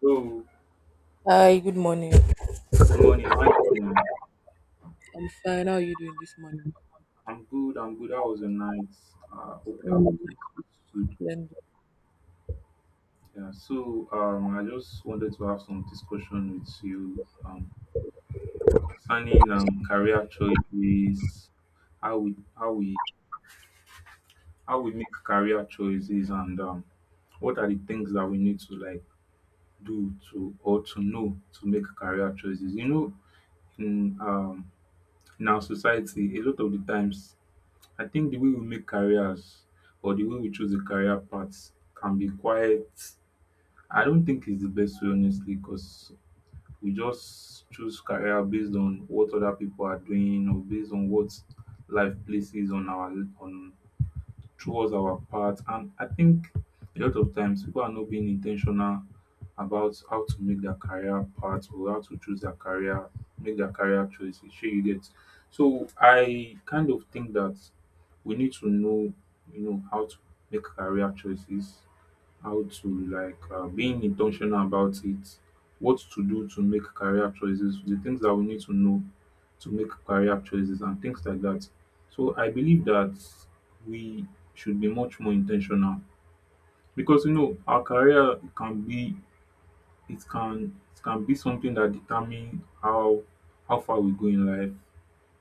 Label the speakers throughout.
Speaker 1: So,
Speaker 2: Hi, good morning.
Speaker 1: good morning. How you doing?
Speaker 2: I'm fine. How are you doing this morning?
Speaker 1: I'm good. I'm good. How was your night? Ah, I hope you're
Speaker 2: Um,
Speaker 1: good. Good.
Speaker 2: Splendid.
Speaker 1: Yeah. So I just wanted to have some discussion with you concerning career choices, how we how we make career choices, and what are the things that we need to like do to or to know to make career choices. You know, in um, in our society, a lot of the times I think the way we make careers or the way we choose a career path can be quite, I don't think it's the best way honestly, because we just choose career based on what other people are doing or based on what life places on our, on, towards our part. And I think a lot of times people are not being intentional about how to make their career path or how to choose their career, make their career choices. Sure, you get. So I kind of think that we need to know, you know, how to make career choices, how to like being intentional about it, what to do to make career choices, the things that we need to know to make career choices and things like that. So I believe that we should be much more intentional, because you know our career can be, it can be something that determines how far we go in life,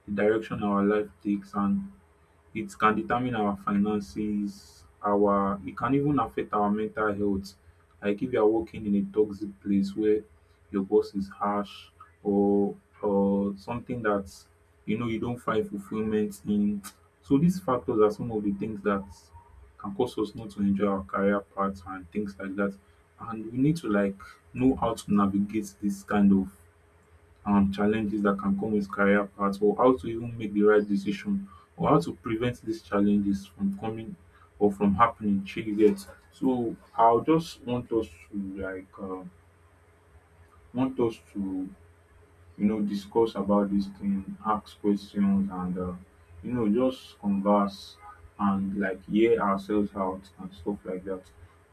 Speaker 1: the direction our life takes, and it can determine our finances, our, it can even affect our mental health. Like if you are working in a toxic place where your boss is harsh, or or something that you know you don't find fulfillment in. So these factors are some of the things that can cause us not to enjoy our career paths and things like that. And we need to like know how to navigate this kind of challenges that can come with career paths, or how to even make the right decision or how to prevent these challenges from coming or from happening shey you. So I'll just want us to like want us to you know discuss about this thing, ask questions and you know just converse and like hear ourselves out and stuff like that.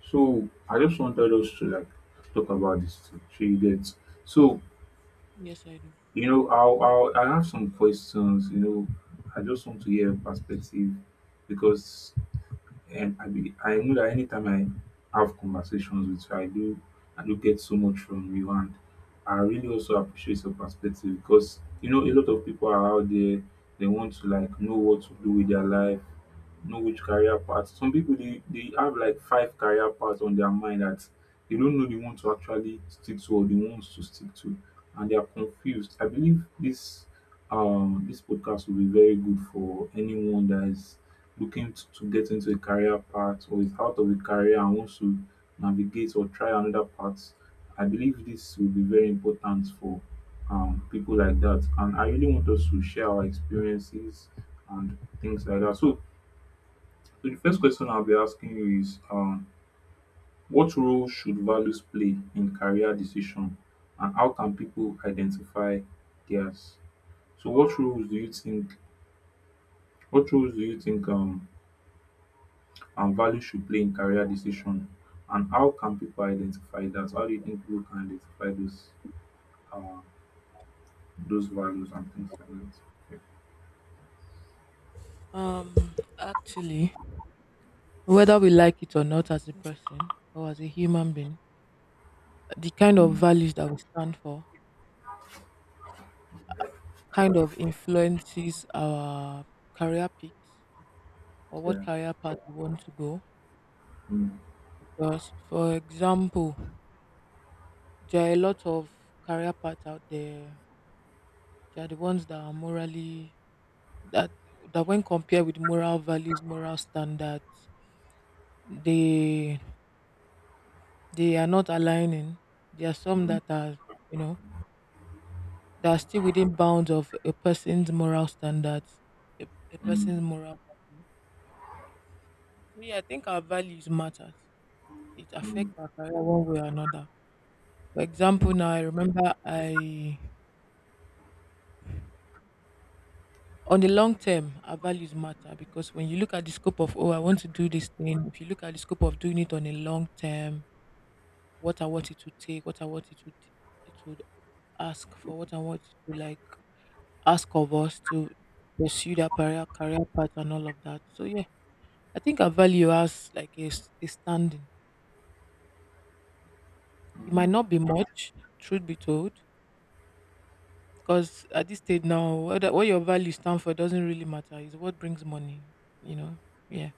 Speaker 1: So I just wanted us to like talk about this thing shey you. So
Speaker 2: Yes, I do.
Speaker 1: you know, I'll I have some questions. You know, I just want to hear your perspective, because I know that anytime I have conversations with you, I do, I do get so much from you, and I really also appreciate your perspective, because you know a lot of people are out there, they want to like know what to do with their life, know which career path. Some people they have like five career paths on their mind that they don't know they want to actually stick to or they want to stick to, and they are confused. I believe this this podcast will be very good for anyone that is looking t- to get into a career path or is out of a career and wants to navigate or try another path. I believe this will be very important for people like that. And I really want us to share our experiences and things like that. So, the first question I'll be asking you is what role should values play in career decision and how can people identify theirs? So what roles do you think, what roles do you think and value should play in career decision, and how can people identify that, how do you think people can identify uh those values and things like that?
Speaker 2: Um, actually, whether we like it or not as a person or as a human being, the kind of
Speaker 1: Mm,
Speaker 2: values that we stand for kind of influences our career picks or what
Speaker 1: yeah.
Speaker 2: career path we want to go.
Speaker 1: Mm,
Speaker 2: Because, for example, there are a lot of career paths out there. There are the ones that are morally that that when compared with moral values, moral standards, they they are not aligning. There are
Speaker 1: yeah.
Speaker 2: some
Speaker 1: Mm,
Speaker 2: that are, you know, that are still within bounds of a person's moral standards, a, a
Speaker 1: mm,
Speaker 2: person's moral value. So yeah, I think our values matters. It
Speaker 1: mm, mm,
Speaker 2: affects our career one way or another. For example, now I remember I, on the long term, our values matter because when you look at the scope of, oh, I want to do this thing. If you look at the scope of doing it on a long term, what I want it to take, what I want it to d- it would ask for, what I want it to like ask of us to pursue that career, career path and all of that. So yeah, I think I value us like a standing. It might
Speaker 1: mm,
Speaker 2: not be much, truth be told, because at this stage now, what your value stand for doesn't really matter. It's what brings money, you know. Yeah,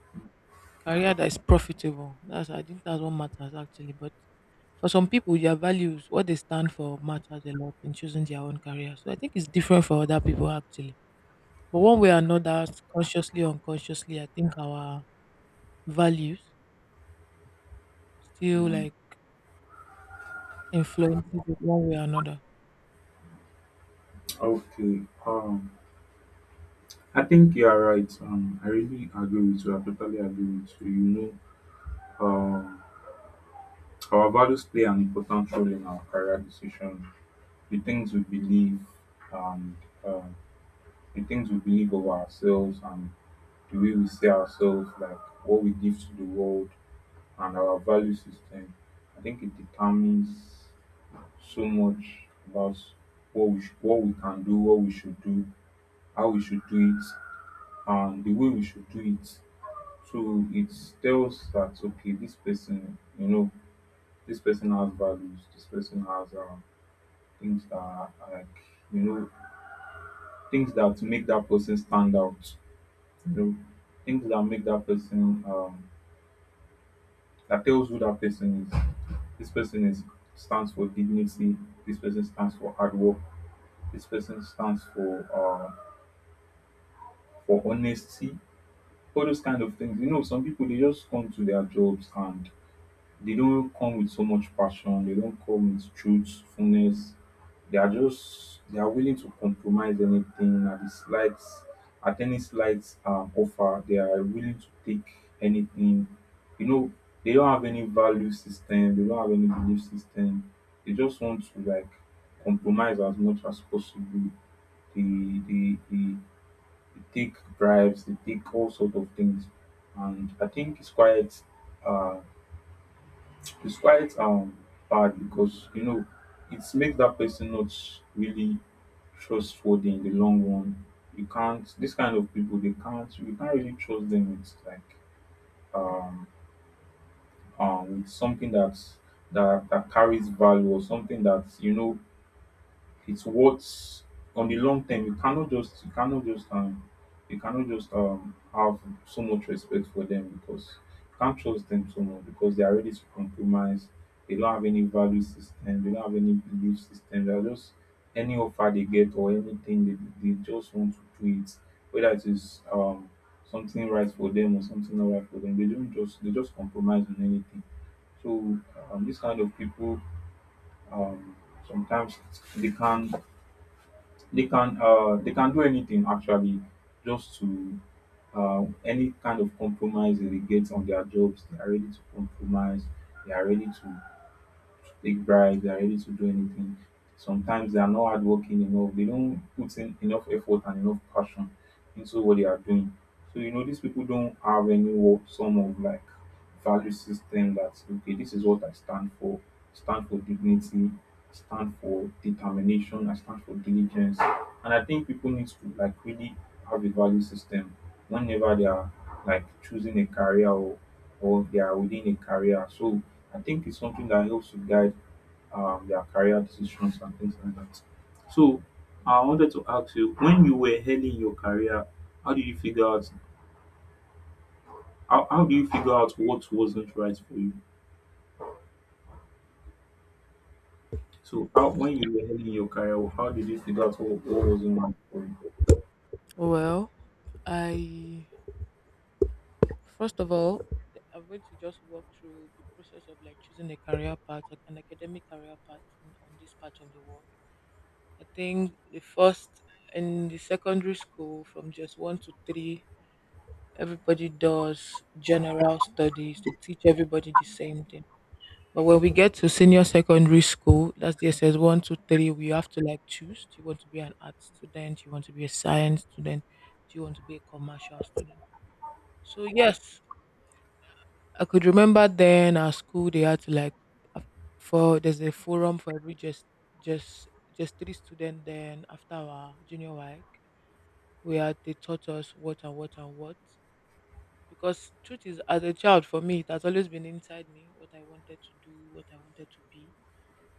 Speaker 2: career that is profitable. That's, I think, that's what matters actually. But for some people, their values, what they stand for, matters a lot in choosing their own career. So I think it's different for other people actually. But one
Speaker 1: mm,
Speaker 2: way or another, consciously or unconsciously, I think our values still
Speaker 1: mm.
Speaker 2: like influences it one way or another?
Speaker 1: Okay. I think you are right. I really agree with you. I totally agree with you. You know, our values play an important role in our career decision. The things we believe, and uh, the things we believe of ourselves, and the way we see ourselves, like what we give to the world, and our value system. I think it determines so much about what we sh- what we can do, what we should do, how we should do it, and the way we should do it. So it tells that okay, this person, you know, this person has values. This person has things that are like, you know, things that make that person stand out. You know, things that make that person that tells who that person is. This person is, stands for dignity. This person stands for hard work. This person stands for honesty. All those kind of things. You know, some people they just come to their jobs and they don't come with so much passion. They don't come with truthfulness. They are just, they are willing to compromise anything at the slight, at any slight offer. They are willing to take anything. You know, they don't have any value system. They don't have any belief system. They just want to like compromise as much as possible. They they take bribes. They take all sorts of things, and I think it's quite, Uh, it's quite bad, because you know it makes that person not really trustworthy in the long run. You can't, this kind of people they can't, you can't really trust them with like um with something that that carries value or something that, you know, it's what, on the long term you cannot just, you cannot just have so much respect for them, because you can't trust them so much because they are ready to compromise. They don't have any value system. They don't have any belief system. They are just, any offer they get or anything, they just want to do it, whether it is something right for them or something not right for them. They don't just, they just compromise on anything. So these kind of people um, sometimes they can, they can do anything actually, just to, any kind of compromise that they get on their jobs. They are ready to compromise. They are ready to take bribes, they are ready to do anything. Sometimes they are not hardworking enough, they don't put in enough effort and enough passion into what they are doing. So you know these people don't have any wo- some of like value system that okay, this is what I stand for. I stand for dignity, I stand for determination, I stand for diligence. And I think people need to like really have a value system whenever they are like choosing a career, or they are within a career. So I think it's something that helps to guide their career decisions and things like that. So I wanted to ask you, when you were early in your career, how do you figure out, how do you figure out what wasn't right for you? So how, when you were early in your career, how did you figure out what wasn't right for you?
Speaker 2: Well, I, first of all, I'm going to just walk through the process of like choosing a career path, like an academic career path in, on this part of the world. I think the first in the secondary school, from just one to three, everybody does general studies. They teach everybody the same thing. But when we get to senior secondary school, that's the SS one, two, three, we have to like choose. Do you want to be an art student? Do you want to be a science student? Do you want to be a commercial student? So yes, I could remember then our school they had to like af- for there's a forum for every just three student then after our junior week we had they taught us what and what and what because truth is as a child for me it has always been inside me what I wanted to do, what I wanted to be.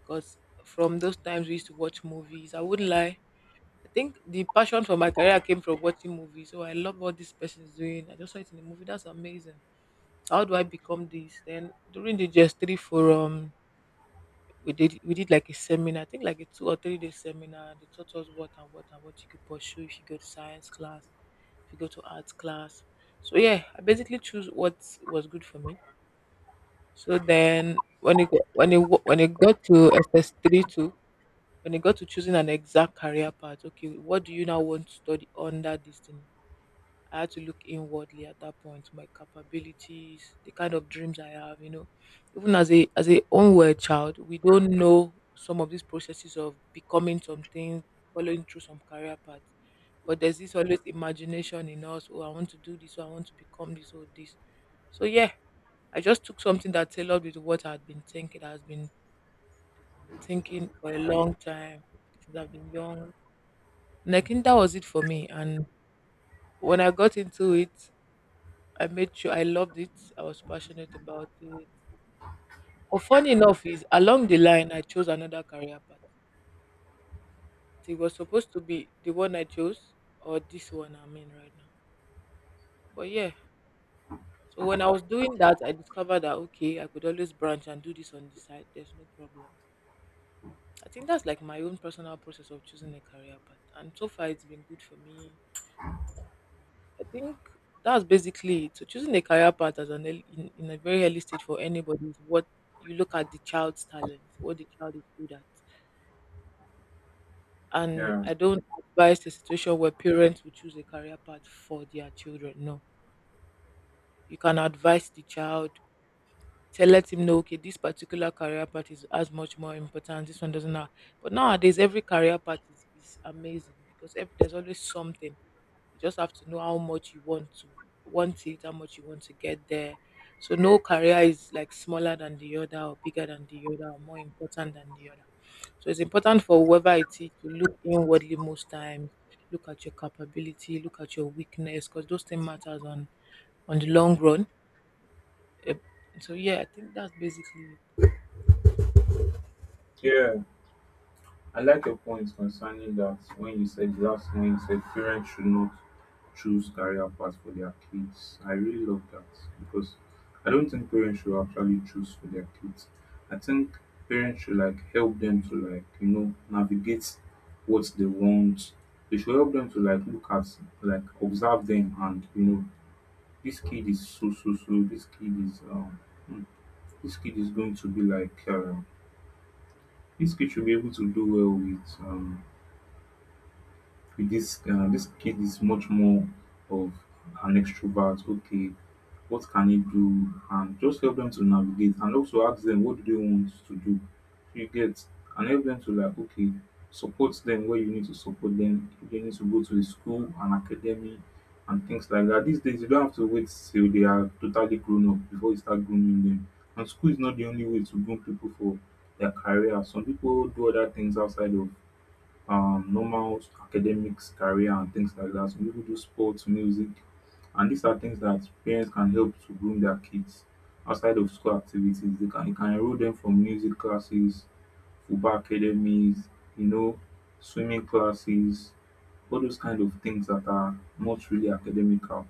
Speaker 2: Because from those times we used to watch movies. I wouldn't lie. I think the passion for my career came from watching movies. So I love what this person is doing. I just saw it in the movie. That's amazing. How do I become this? Then during the GS three forum, we did like a seminar. I think like a 2 or 3 day seminar. They taught us what and what and what you could pursue if you go to science class, if you go to arts class. So yeah, I basically choose what was good for me. So then when it go- when it wa- when it got to S S 3.2, when it got to choosing an exact career path, okay, what do you now want to study under this thing? I had to look inwardly at that point, my capabilities, the kind of dreams I have. Even as a onward child, we don't know some of these processes of becoming something, following through some career path. But there's this always imagination in us, oh, I want to do this, oh, I want to become this or this. So yeah, I just took something that tailored with what I've been thinking for a long time since I've been young. And I think that was it for me. And when I got into it, I made sure I loved it. I was passionate about it. But funny enough, is along the line I chose another career path. It was supposed to be the one I chose or this one I'm in right now. But yeah. So when I was doing that, I discovered that, okay, I could always branch and do this on the side. There's no problem. I think that's like my own personal process of choosing a career path. And so far it's been good for me. I think that's basically it. So choosing a career path as an early, in a very early stage for anybody is what you look at the child's talent, what the child is good at. And
Speaker 1: Yeah.
Speaker 2: I don't advise a situation where parents will choose a career path for their children. No. You can advise the child, tell, let him know, okay, this particular career path is as much more important. This one doesn't have. But nowadays every career path is amazing because every there's always something. You just have to know how much you want to want it, how much you want to get there. So no career is like smaller than the other or bigger than the other or more important than the other. So it's important for whoever it is to look inwardly most times, look at your capability, look at your weakness, because those things matters on the long run. Eh, So yeah, I think that's basically
Speaker 1: Yeah. I like your point concerning that when you said last, when you said parents should not choose career paths for their kids. I really love that, because I don't think parents should actually choose for their kids. I think parents should like help them to like, you know, navigate what they want. They should help them to like look at, like observe them and you know, this kid is so so so, this kid is hmm, this kid is going to be like this kid should be able to do well with this this kid is much more of an extrovert. Okay, what can he do? And just help them to navigate and also ask them what do they want to do. You get, and help them to like okay, support them where you need to support them. If they need to go to a school, an academy and things like that. These days you don't have to wait till they are totally grown up before you start grooming them. And school is not the only way to groom people for their career. Some people do other things outside of normal academics, career, and things like that. Some people do sports, music, and these are things that parents can help to groom their kids outside of school activities. They can, you can enroll them for music classes, football academies, you know, swimming classes, all those kind of things that are not really academical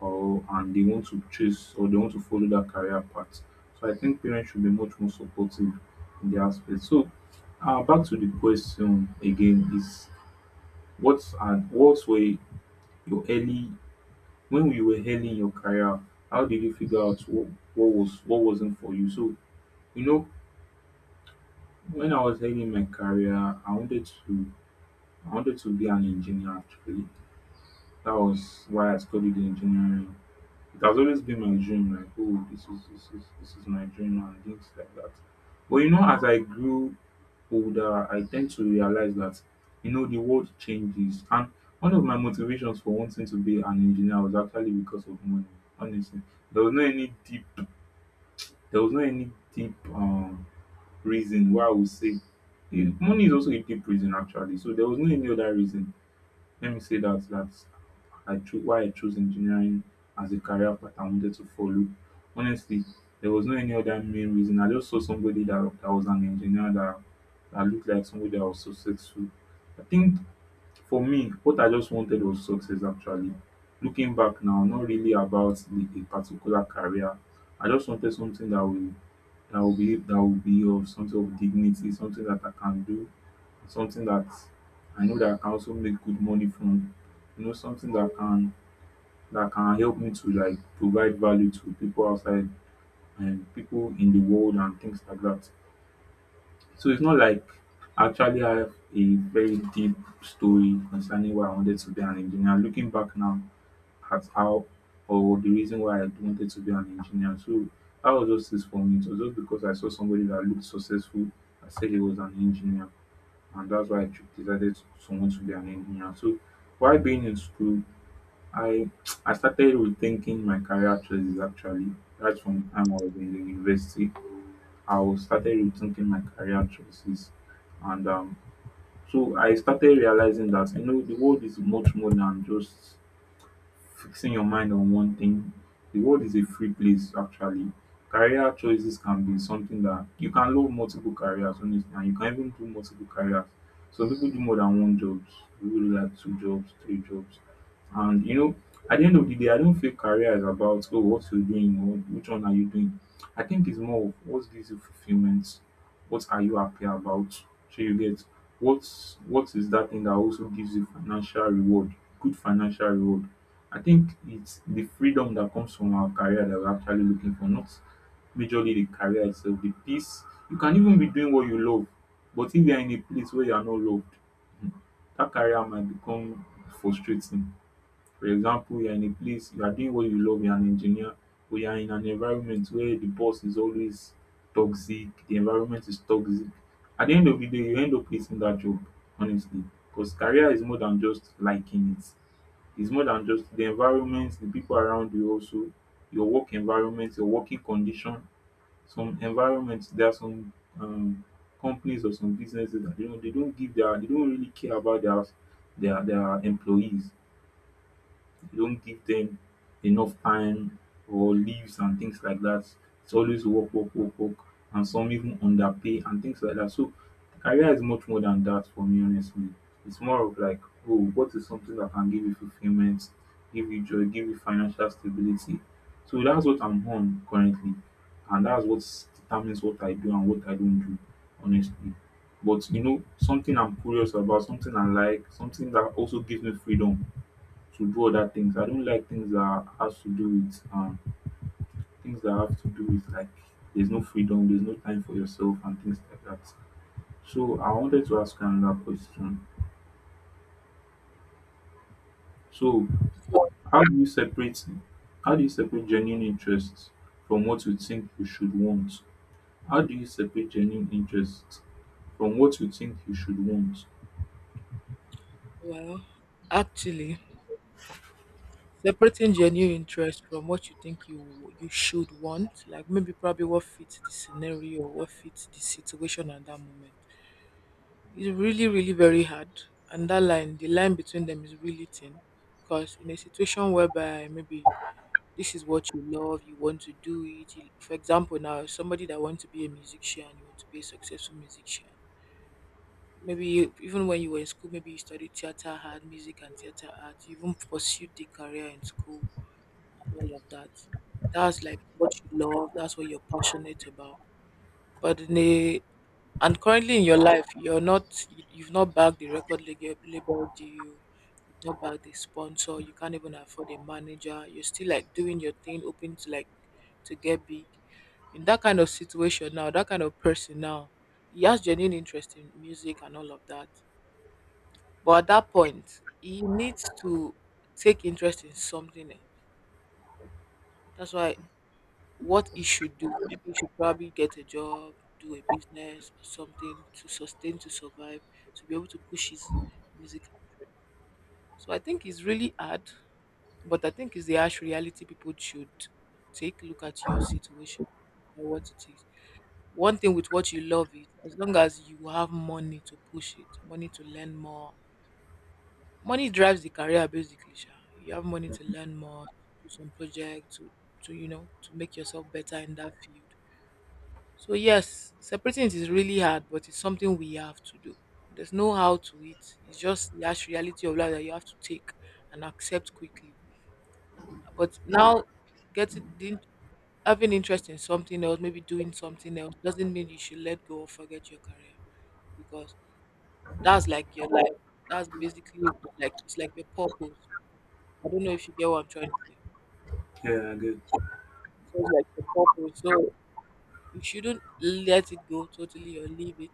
Speaker 1: or, and they want to chase or they want to follow that career path. So I think parents should be much more supportive in the aspect. So back to the question again is, what were your early, when you were early in your career, how did you figure out what was, what wasn't for you? So, you know, when I was early in my career, I wanted to be an engineer actually. That was why I studied engineering. It has always been my dream, like, oh, this is my dream and things like that. But you know, as I grew older, I tend to realize that, you know, the world changes. And one of my motivations for wanting to be an engineer was actually because of money, honestly. There was no any deep, there was no any deep reason why I would say, money is also a deep reason actually. So there was no any other reason. Let me say that I chose why I chose engineering as a career path I wanted to follow. Honestly, there was no any other main reason. I just saw somebody that was an engineer that looked like somebody that was successful. I think for me, what I just wanted was success actually. Looking back now, not really about a particular career. I just wanted something that will that will be of some sort of dignity, something that I can do, something that I know that I can also make good money from. You know, something that can help me to, like, provide value to people outside and people in the world and things like that. So it's not like I actually have a very deep story concerning why I wanted to be an engineer. Looking back now at how, or the reason why I wanted to be an engineer. So that was just this for me. It was just because I saw somebody that looked successful. I said he was an engineer, and that's why decided to want to be an engineer. So why being in school, I I started rethinking my career choices actually. Right from the time I was in the university, I was started rethinking my career choices, and so I started realizing that, you know, the world is much more than just fixing your mind on one thing. The world is a free place, actually. Career choices can be something that you can love multiple careers, honestly, and you can even do multiple careers. So people do more than one job, people do like two jobs, three jobs. And you know, at the end of the day, I don't feel career is about, oh, what you're doing or which one are you doing. I think it's more of what gives you fulfillment, what are you happy about? So you get, what what is that thing that also gives you financial reward, good financial reward. I think it's the freedom that comes from our career that we're actually looking for, not majorly the career itself, the peace. You can even be doing what you love, but if you are in a place where you are not loved, hmm, that career might become frustrating. For example, you're in a place, you are doing what you love, you're an engineer, but you're in an environment where the boss is always toxic, the environment is toxic. At the end of the day, you end up hating that job, honestly. Because career is more than just liking it. It's more than just the environment, the people around you also, your work environment, your working condition. Some environments, there are some um, companies or some businesses that, you know, they don't really care about their their employees, you don't give them enough time or leaves and things like that. It's always work, work, work, work, and some even underpay and things like that. So career is much more than that for me, honestly. It's more of like, oh, what is something that can give you fulfillment, give you joy, give you financial stability. So that's what I'm on currently, and that's what determines what I do and what I don't do, honestly. But you know, something I'm curious about, something I like, something that also gives me freedom to do other things. I don't like things that has to do with things that have to do with, like, there's no freedom, there's no time for yourself and things like that. So I wanted to ask another question. So
Speaker 2: it.
Speaker 1: how do you separate how do you separate genuine interests from what you think you should want? How do you separate genuine interests from what you think you should want?
Speaker 2: Well, actually. Separating genuine interest from what you think you should want, like maybe probably what fits the scenario or what fits the situation at that moment, is really really very hard. And that line, the line between them is really thin, because in a situation whereby maybe this is what you love, you want to do it. For example, now somebody that wants to be a musician, you want to be a successful musician. Maybe even when you were in school, maybe you studied theater art, music and theater art. You even pursued the career in school all of that. That's like what you love, that's what you're passionate about. But in a and currently in your life, you're not you've not bagged the record label deal, you've not bagged the sponsor, you can't even afford a manager. You're still like doing your thing, hoping to like to get big. In that kind of situation now, that kind of person now, he has genuine interest in music and all of that. But at that point, he needs to take interest in something else. That's why what he should do. Maybe he should probably get a job, do a business or something to sustain to survive, to be able to push his musical dream. So I think it's really hard, but I think it's the harsh reality people should take a look at your situation and what it is. One thing with what you love is as long as you have money to push it, money to learn more. Money drives the career basically, Sha. You have money to learn more, do some project, to make yourself better in that field. So yes, separating it is really hard, but it's something we have to do. There's no how to it. It's just the harsh reality of life that you have to take and accept quickly. But now, getting the, having interest in something else, maybe doing something else, doesn't mean you should let go or forget your career because that's like your life. That's basically like it's like your purpose. I don't know if you get what I'm trying to say.
Speaker 1: Yeah, I get.
Speaker 2: So it's like your purpose. So you shouldn't let it go totally or leave it.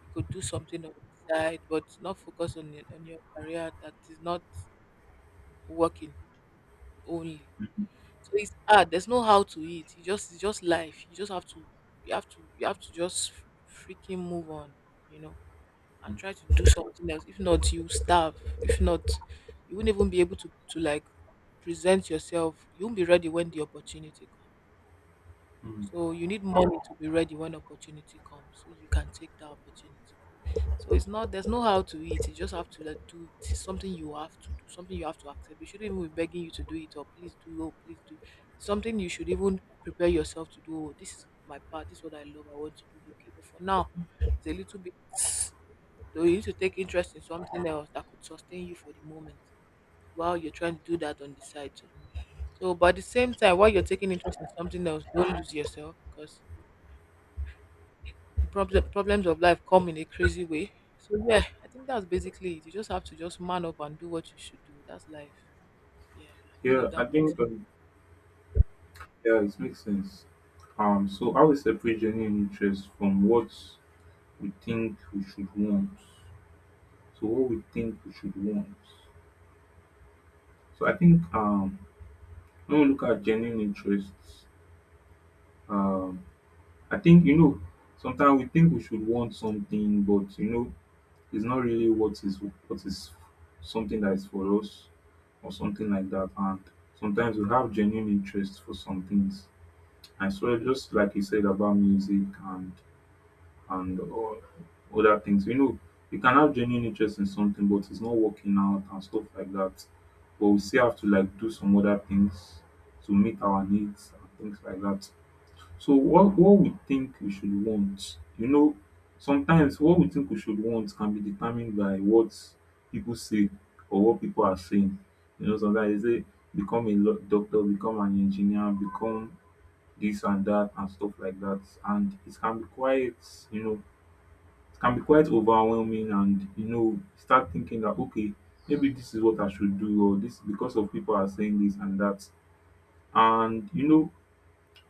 Speaker 2: You could do something on the side, but not focus on your career that is not working only. So it's hard. There's no how to it. You just it's just life. You just have to just freaking move on, you know, and try to do something else. If not, you starve. If not, you won't even be able to like present yourself. You won't be ready when the opportunity comes.
Speaker 1: Mm.
Speaker 2: So you need money to be ready when opportunity comes, so you can take that opportunity. So it's not there's no how to it. You just have to like, do it. It's something you have to do. Something you have to accept. We shouldn't even be begging you to do it or please do or please do. It's something you should even prepare yourself to do. Oh, this is my part. This is what I love. I want to do. Okay, but for now, it's a little bit. Though you need to take interest in something else that could sustain you for the moment while you're trying to do that on the side. Too. So, but at the same time, while you're taking interest in something else, don't lose yourself because problems of life come in a crazy way. So yeah, I think that's basically it. You just have to just man up and do what you should do. That's life. Yeah, I don't know
Speaker 1: Yeah,
Speaker 2: if
Speaker 1: I
Speaker 2: that makes
Speaker 1: think
Speaker 2: sense.
Speaker 1: yeah, it makes sense. So I will separate genuine interests from what we think we should want. So what we think we should want. So I think when we look at genuine interests, um I think, you know, sometimes we think we should want something, but you know it's not really what is something that is for us or something like that. And sometimes we have genuine interest for some things. And so just like you said about music and or other things. You know, we can have genuine interest in something, but it's not working out and stuff like that. But we still have to, like, do some other things to meet our needs and things like that. So what we think we should want, you know, sometimes what we think we should want can be determined by what people say or what people are saying. You know, sometimes they say become doctor, become an engineer, become this and that and stuff like that. And it can be quite, you know, it can be quite overwhelming, and you know start thinking that, okay, maybe this is what I should do, or this, because of people are saying this and that. And you know,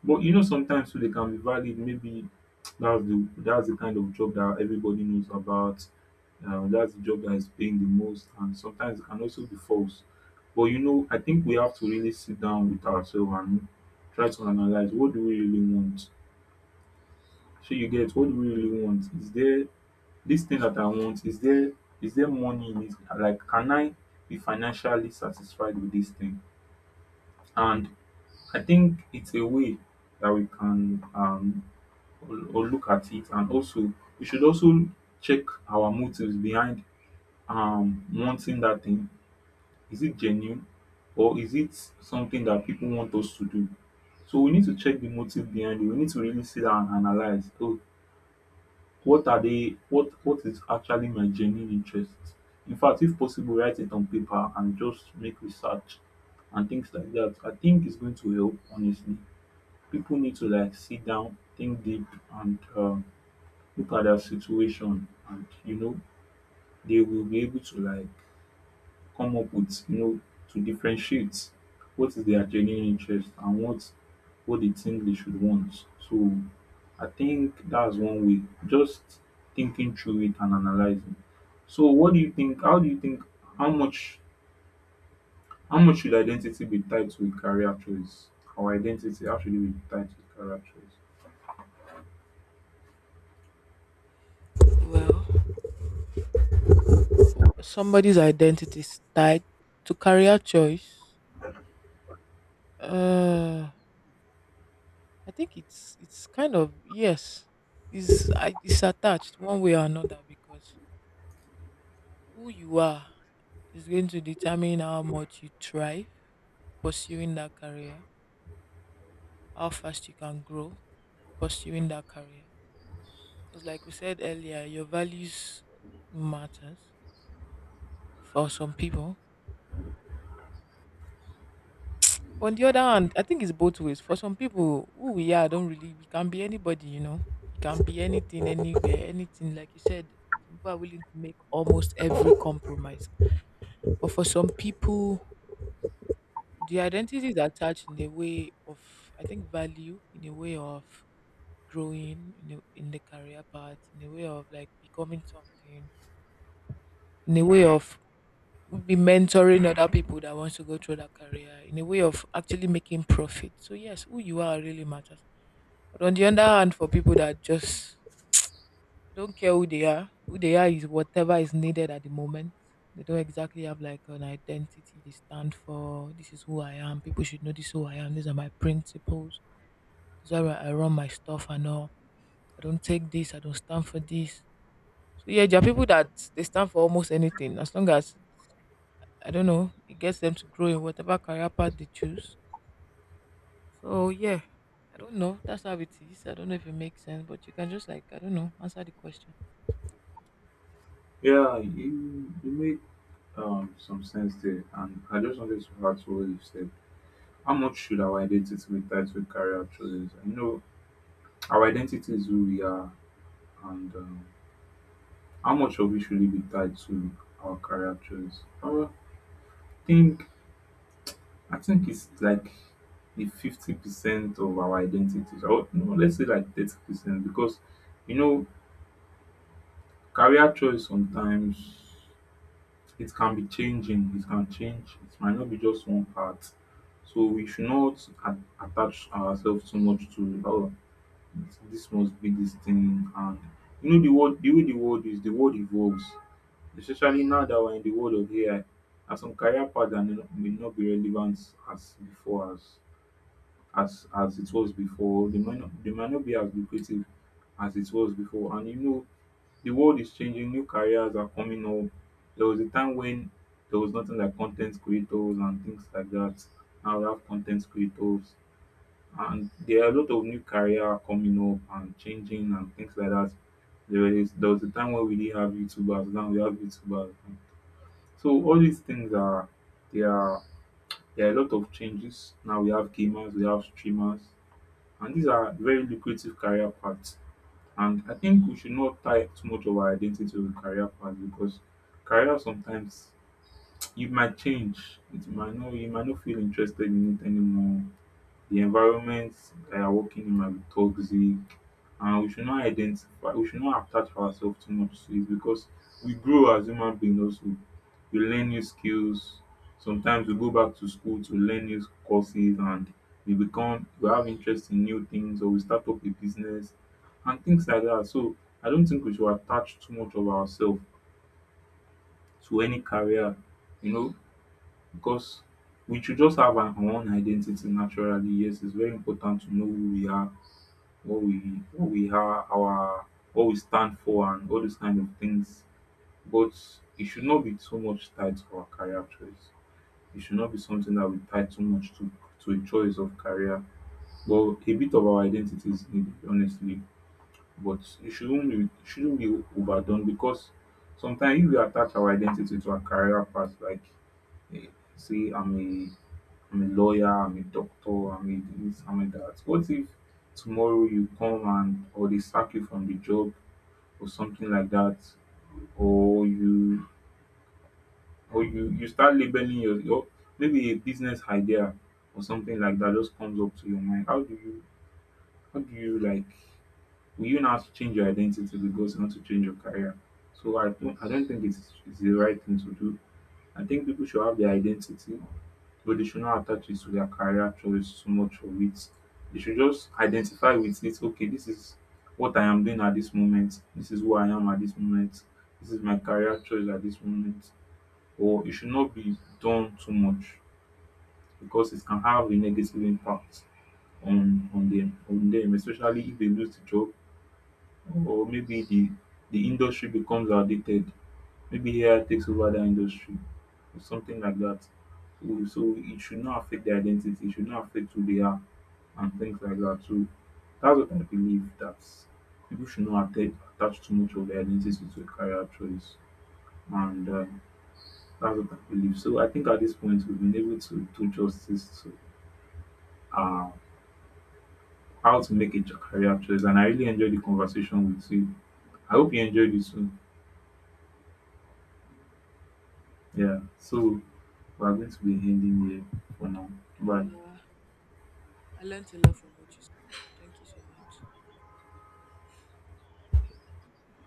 Speaker 1: but you know sometimes too they can be valid, maybe that's the kind of job that everybody knows about, that's the job that is paying the most, and sometimes it can also be false. But you know, I think we have to really sit down with ourselves and try to analyze, what do we really want? So you get, what do we really want, is there, this thing that I want, is there, is there money in it? Like, can I be financially satisfied with this thing? And I think it's a way that we can or, look at it, and also we should also check our motives behind wanting that thing. Is it genuine, or is it something that people want us to do? So we need to check the motive behind it. We need to really sit down and analyze. Oh, what are they what is actually my genuine interest? In fact, if possible, write it on paper and just make research and things like that. I think it's going to help, honestly. People need to, like, sit down, think deep, and look at their situation, and you know they will be able to, like, come up with, you know, to differentiate what is their genuine interest and what they think they should want. So I think that's one way. Just thinking through it and analyzing. So what do you think how do you think how much how much should identity be tied to a career choice? Our identity, how should it be tied to career choice?
Speaker 2: Well, somebody's identity is tied to career choice. Uh, I think it's kind of yes, is it's attached one way or another because who you are is going to determine how much you thrive pursuing that career, how fast you can grow pursuing that career. Because like we said earlier, your values matters for some people. But on the other hand, I think it's both ways. For some people, who we are don't really we can be anybody, you know. You can be anything, anywhere, anything. Like you said, some people are willing to make almost every compromise. But for some people, the identity is attached in the way of I think value, in a way of growing, in the career path, in a way of like becoming something, in a way of be mentoring other people that wants to go through that career in a way of actually making profit. So yes, who you are really matters. But on the other hand, for people that just they don't care who they are is whatever is needed at the moment. They don't exactly have like an identity they stand for. This is who I am. People should know this is who I am. These are my principles. These are how I run my stuff and all. I don't take this. I don't stand for this. So yeah, there are people that they stand for almost anything as long as I don't know, it gets them to grow in whatever career path they choose. So yeah, I don't know. That's how it is. I don't know if it makes sense, but you can just like I don't know, answer the question.
Speaker 1: Yeah, you make some sense there, and I just wanted to add to what you said. How much should our identity be tied to career choices? I know. Our identity is who we are, and how much of it should really be tied to our career choice? I think, I think it's like the 50% of our identities, or no, let's say like 30%, because you know career choice sometimes it can be changing. It can change. It might not be just one part. So we should not attach ourselves too much to, oh, this must be this thing. And you know the world, the way the world is, the world evolves, especially now that we're in the world of AI, and some career paths that may not be relevant as before, as it was before. They might not be as lucrative as it was before. And you know, the world is changing, new careers are coming up. There was a time when there was nothing like content creators and things like that. Now we have content creators, and there are a lot of new career coming up and changing and things like that. There was a time when we didn't have YouTubers, now we have YouTubers. So all these things are, there are there are a lot of changes. Now we have gamers, we have streamers, and these are very lucrative career paths. And I think we should not tie too much of our identity to the career path, because career sometimes you might change. It might not you might not feel interested in it anymore. The environment that you're working in might be toxic, and we should not attach ourselves too much to it, because we grow as human beings also, we learn new skills, sometimes we go back to school to learn new courses, and we have interest in new things, or we start up a business and things like that. So I don't think we should attach too much of ourselves to any career, you know, because we should just have our own identity naturally. Yes, it's very important to know who we are, what we what we are, our what we stand for and all those kind of things. But it should not be too much tied to our career choice, it should not be something that we tie too much to a choice of career, but a bit of our identity is needed, honestly. But it shouldn't be overdone, because sometimes if we attach our identity to our career path like, eh, say I'm a I'm a lawyer, I'm a doctor, I'm a this, I'm a that. What if tomorrow you come, and or they sack you from the job or something like that, or you, you start labeling your, maybe a business idea or something like that just comes up to your mind. How do you, like, will you now change your identity because you want to change your career? So I don't think it's the right thing to do. I think people should have their identity, but they should not attach it to their career choice too much of it. They should just identify with it. Okay, this is what I am doing at this moment. This is who I am at this moment. This is my career choice at this moment. Or it should not be done too much, because it can have a negative impact on on them, especially if they lose the job, or maybe the industry becomes outdated, maybe AI takes over that industry or something like that. So, so it should not affect their identity, it should not affect who they are and things like that. So that's what I believe, that people should not attach too much of their identity to a career choice. And that's what I believe. So I think at this point we've been able to do justice to uh, how to make career choice. And I really enjoyed the conversation with you. I hope you enjoyed it too. Yeah. So we're going to be ending here for now. Bye.
Speaker 2: Yeah, I learned a lot from what you said. Thank you so much.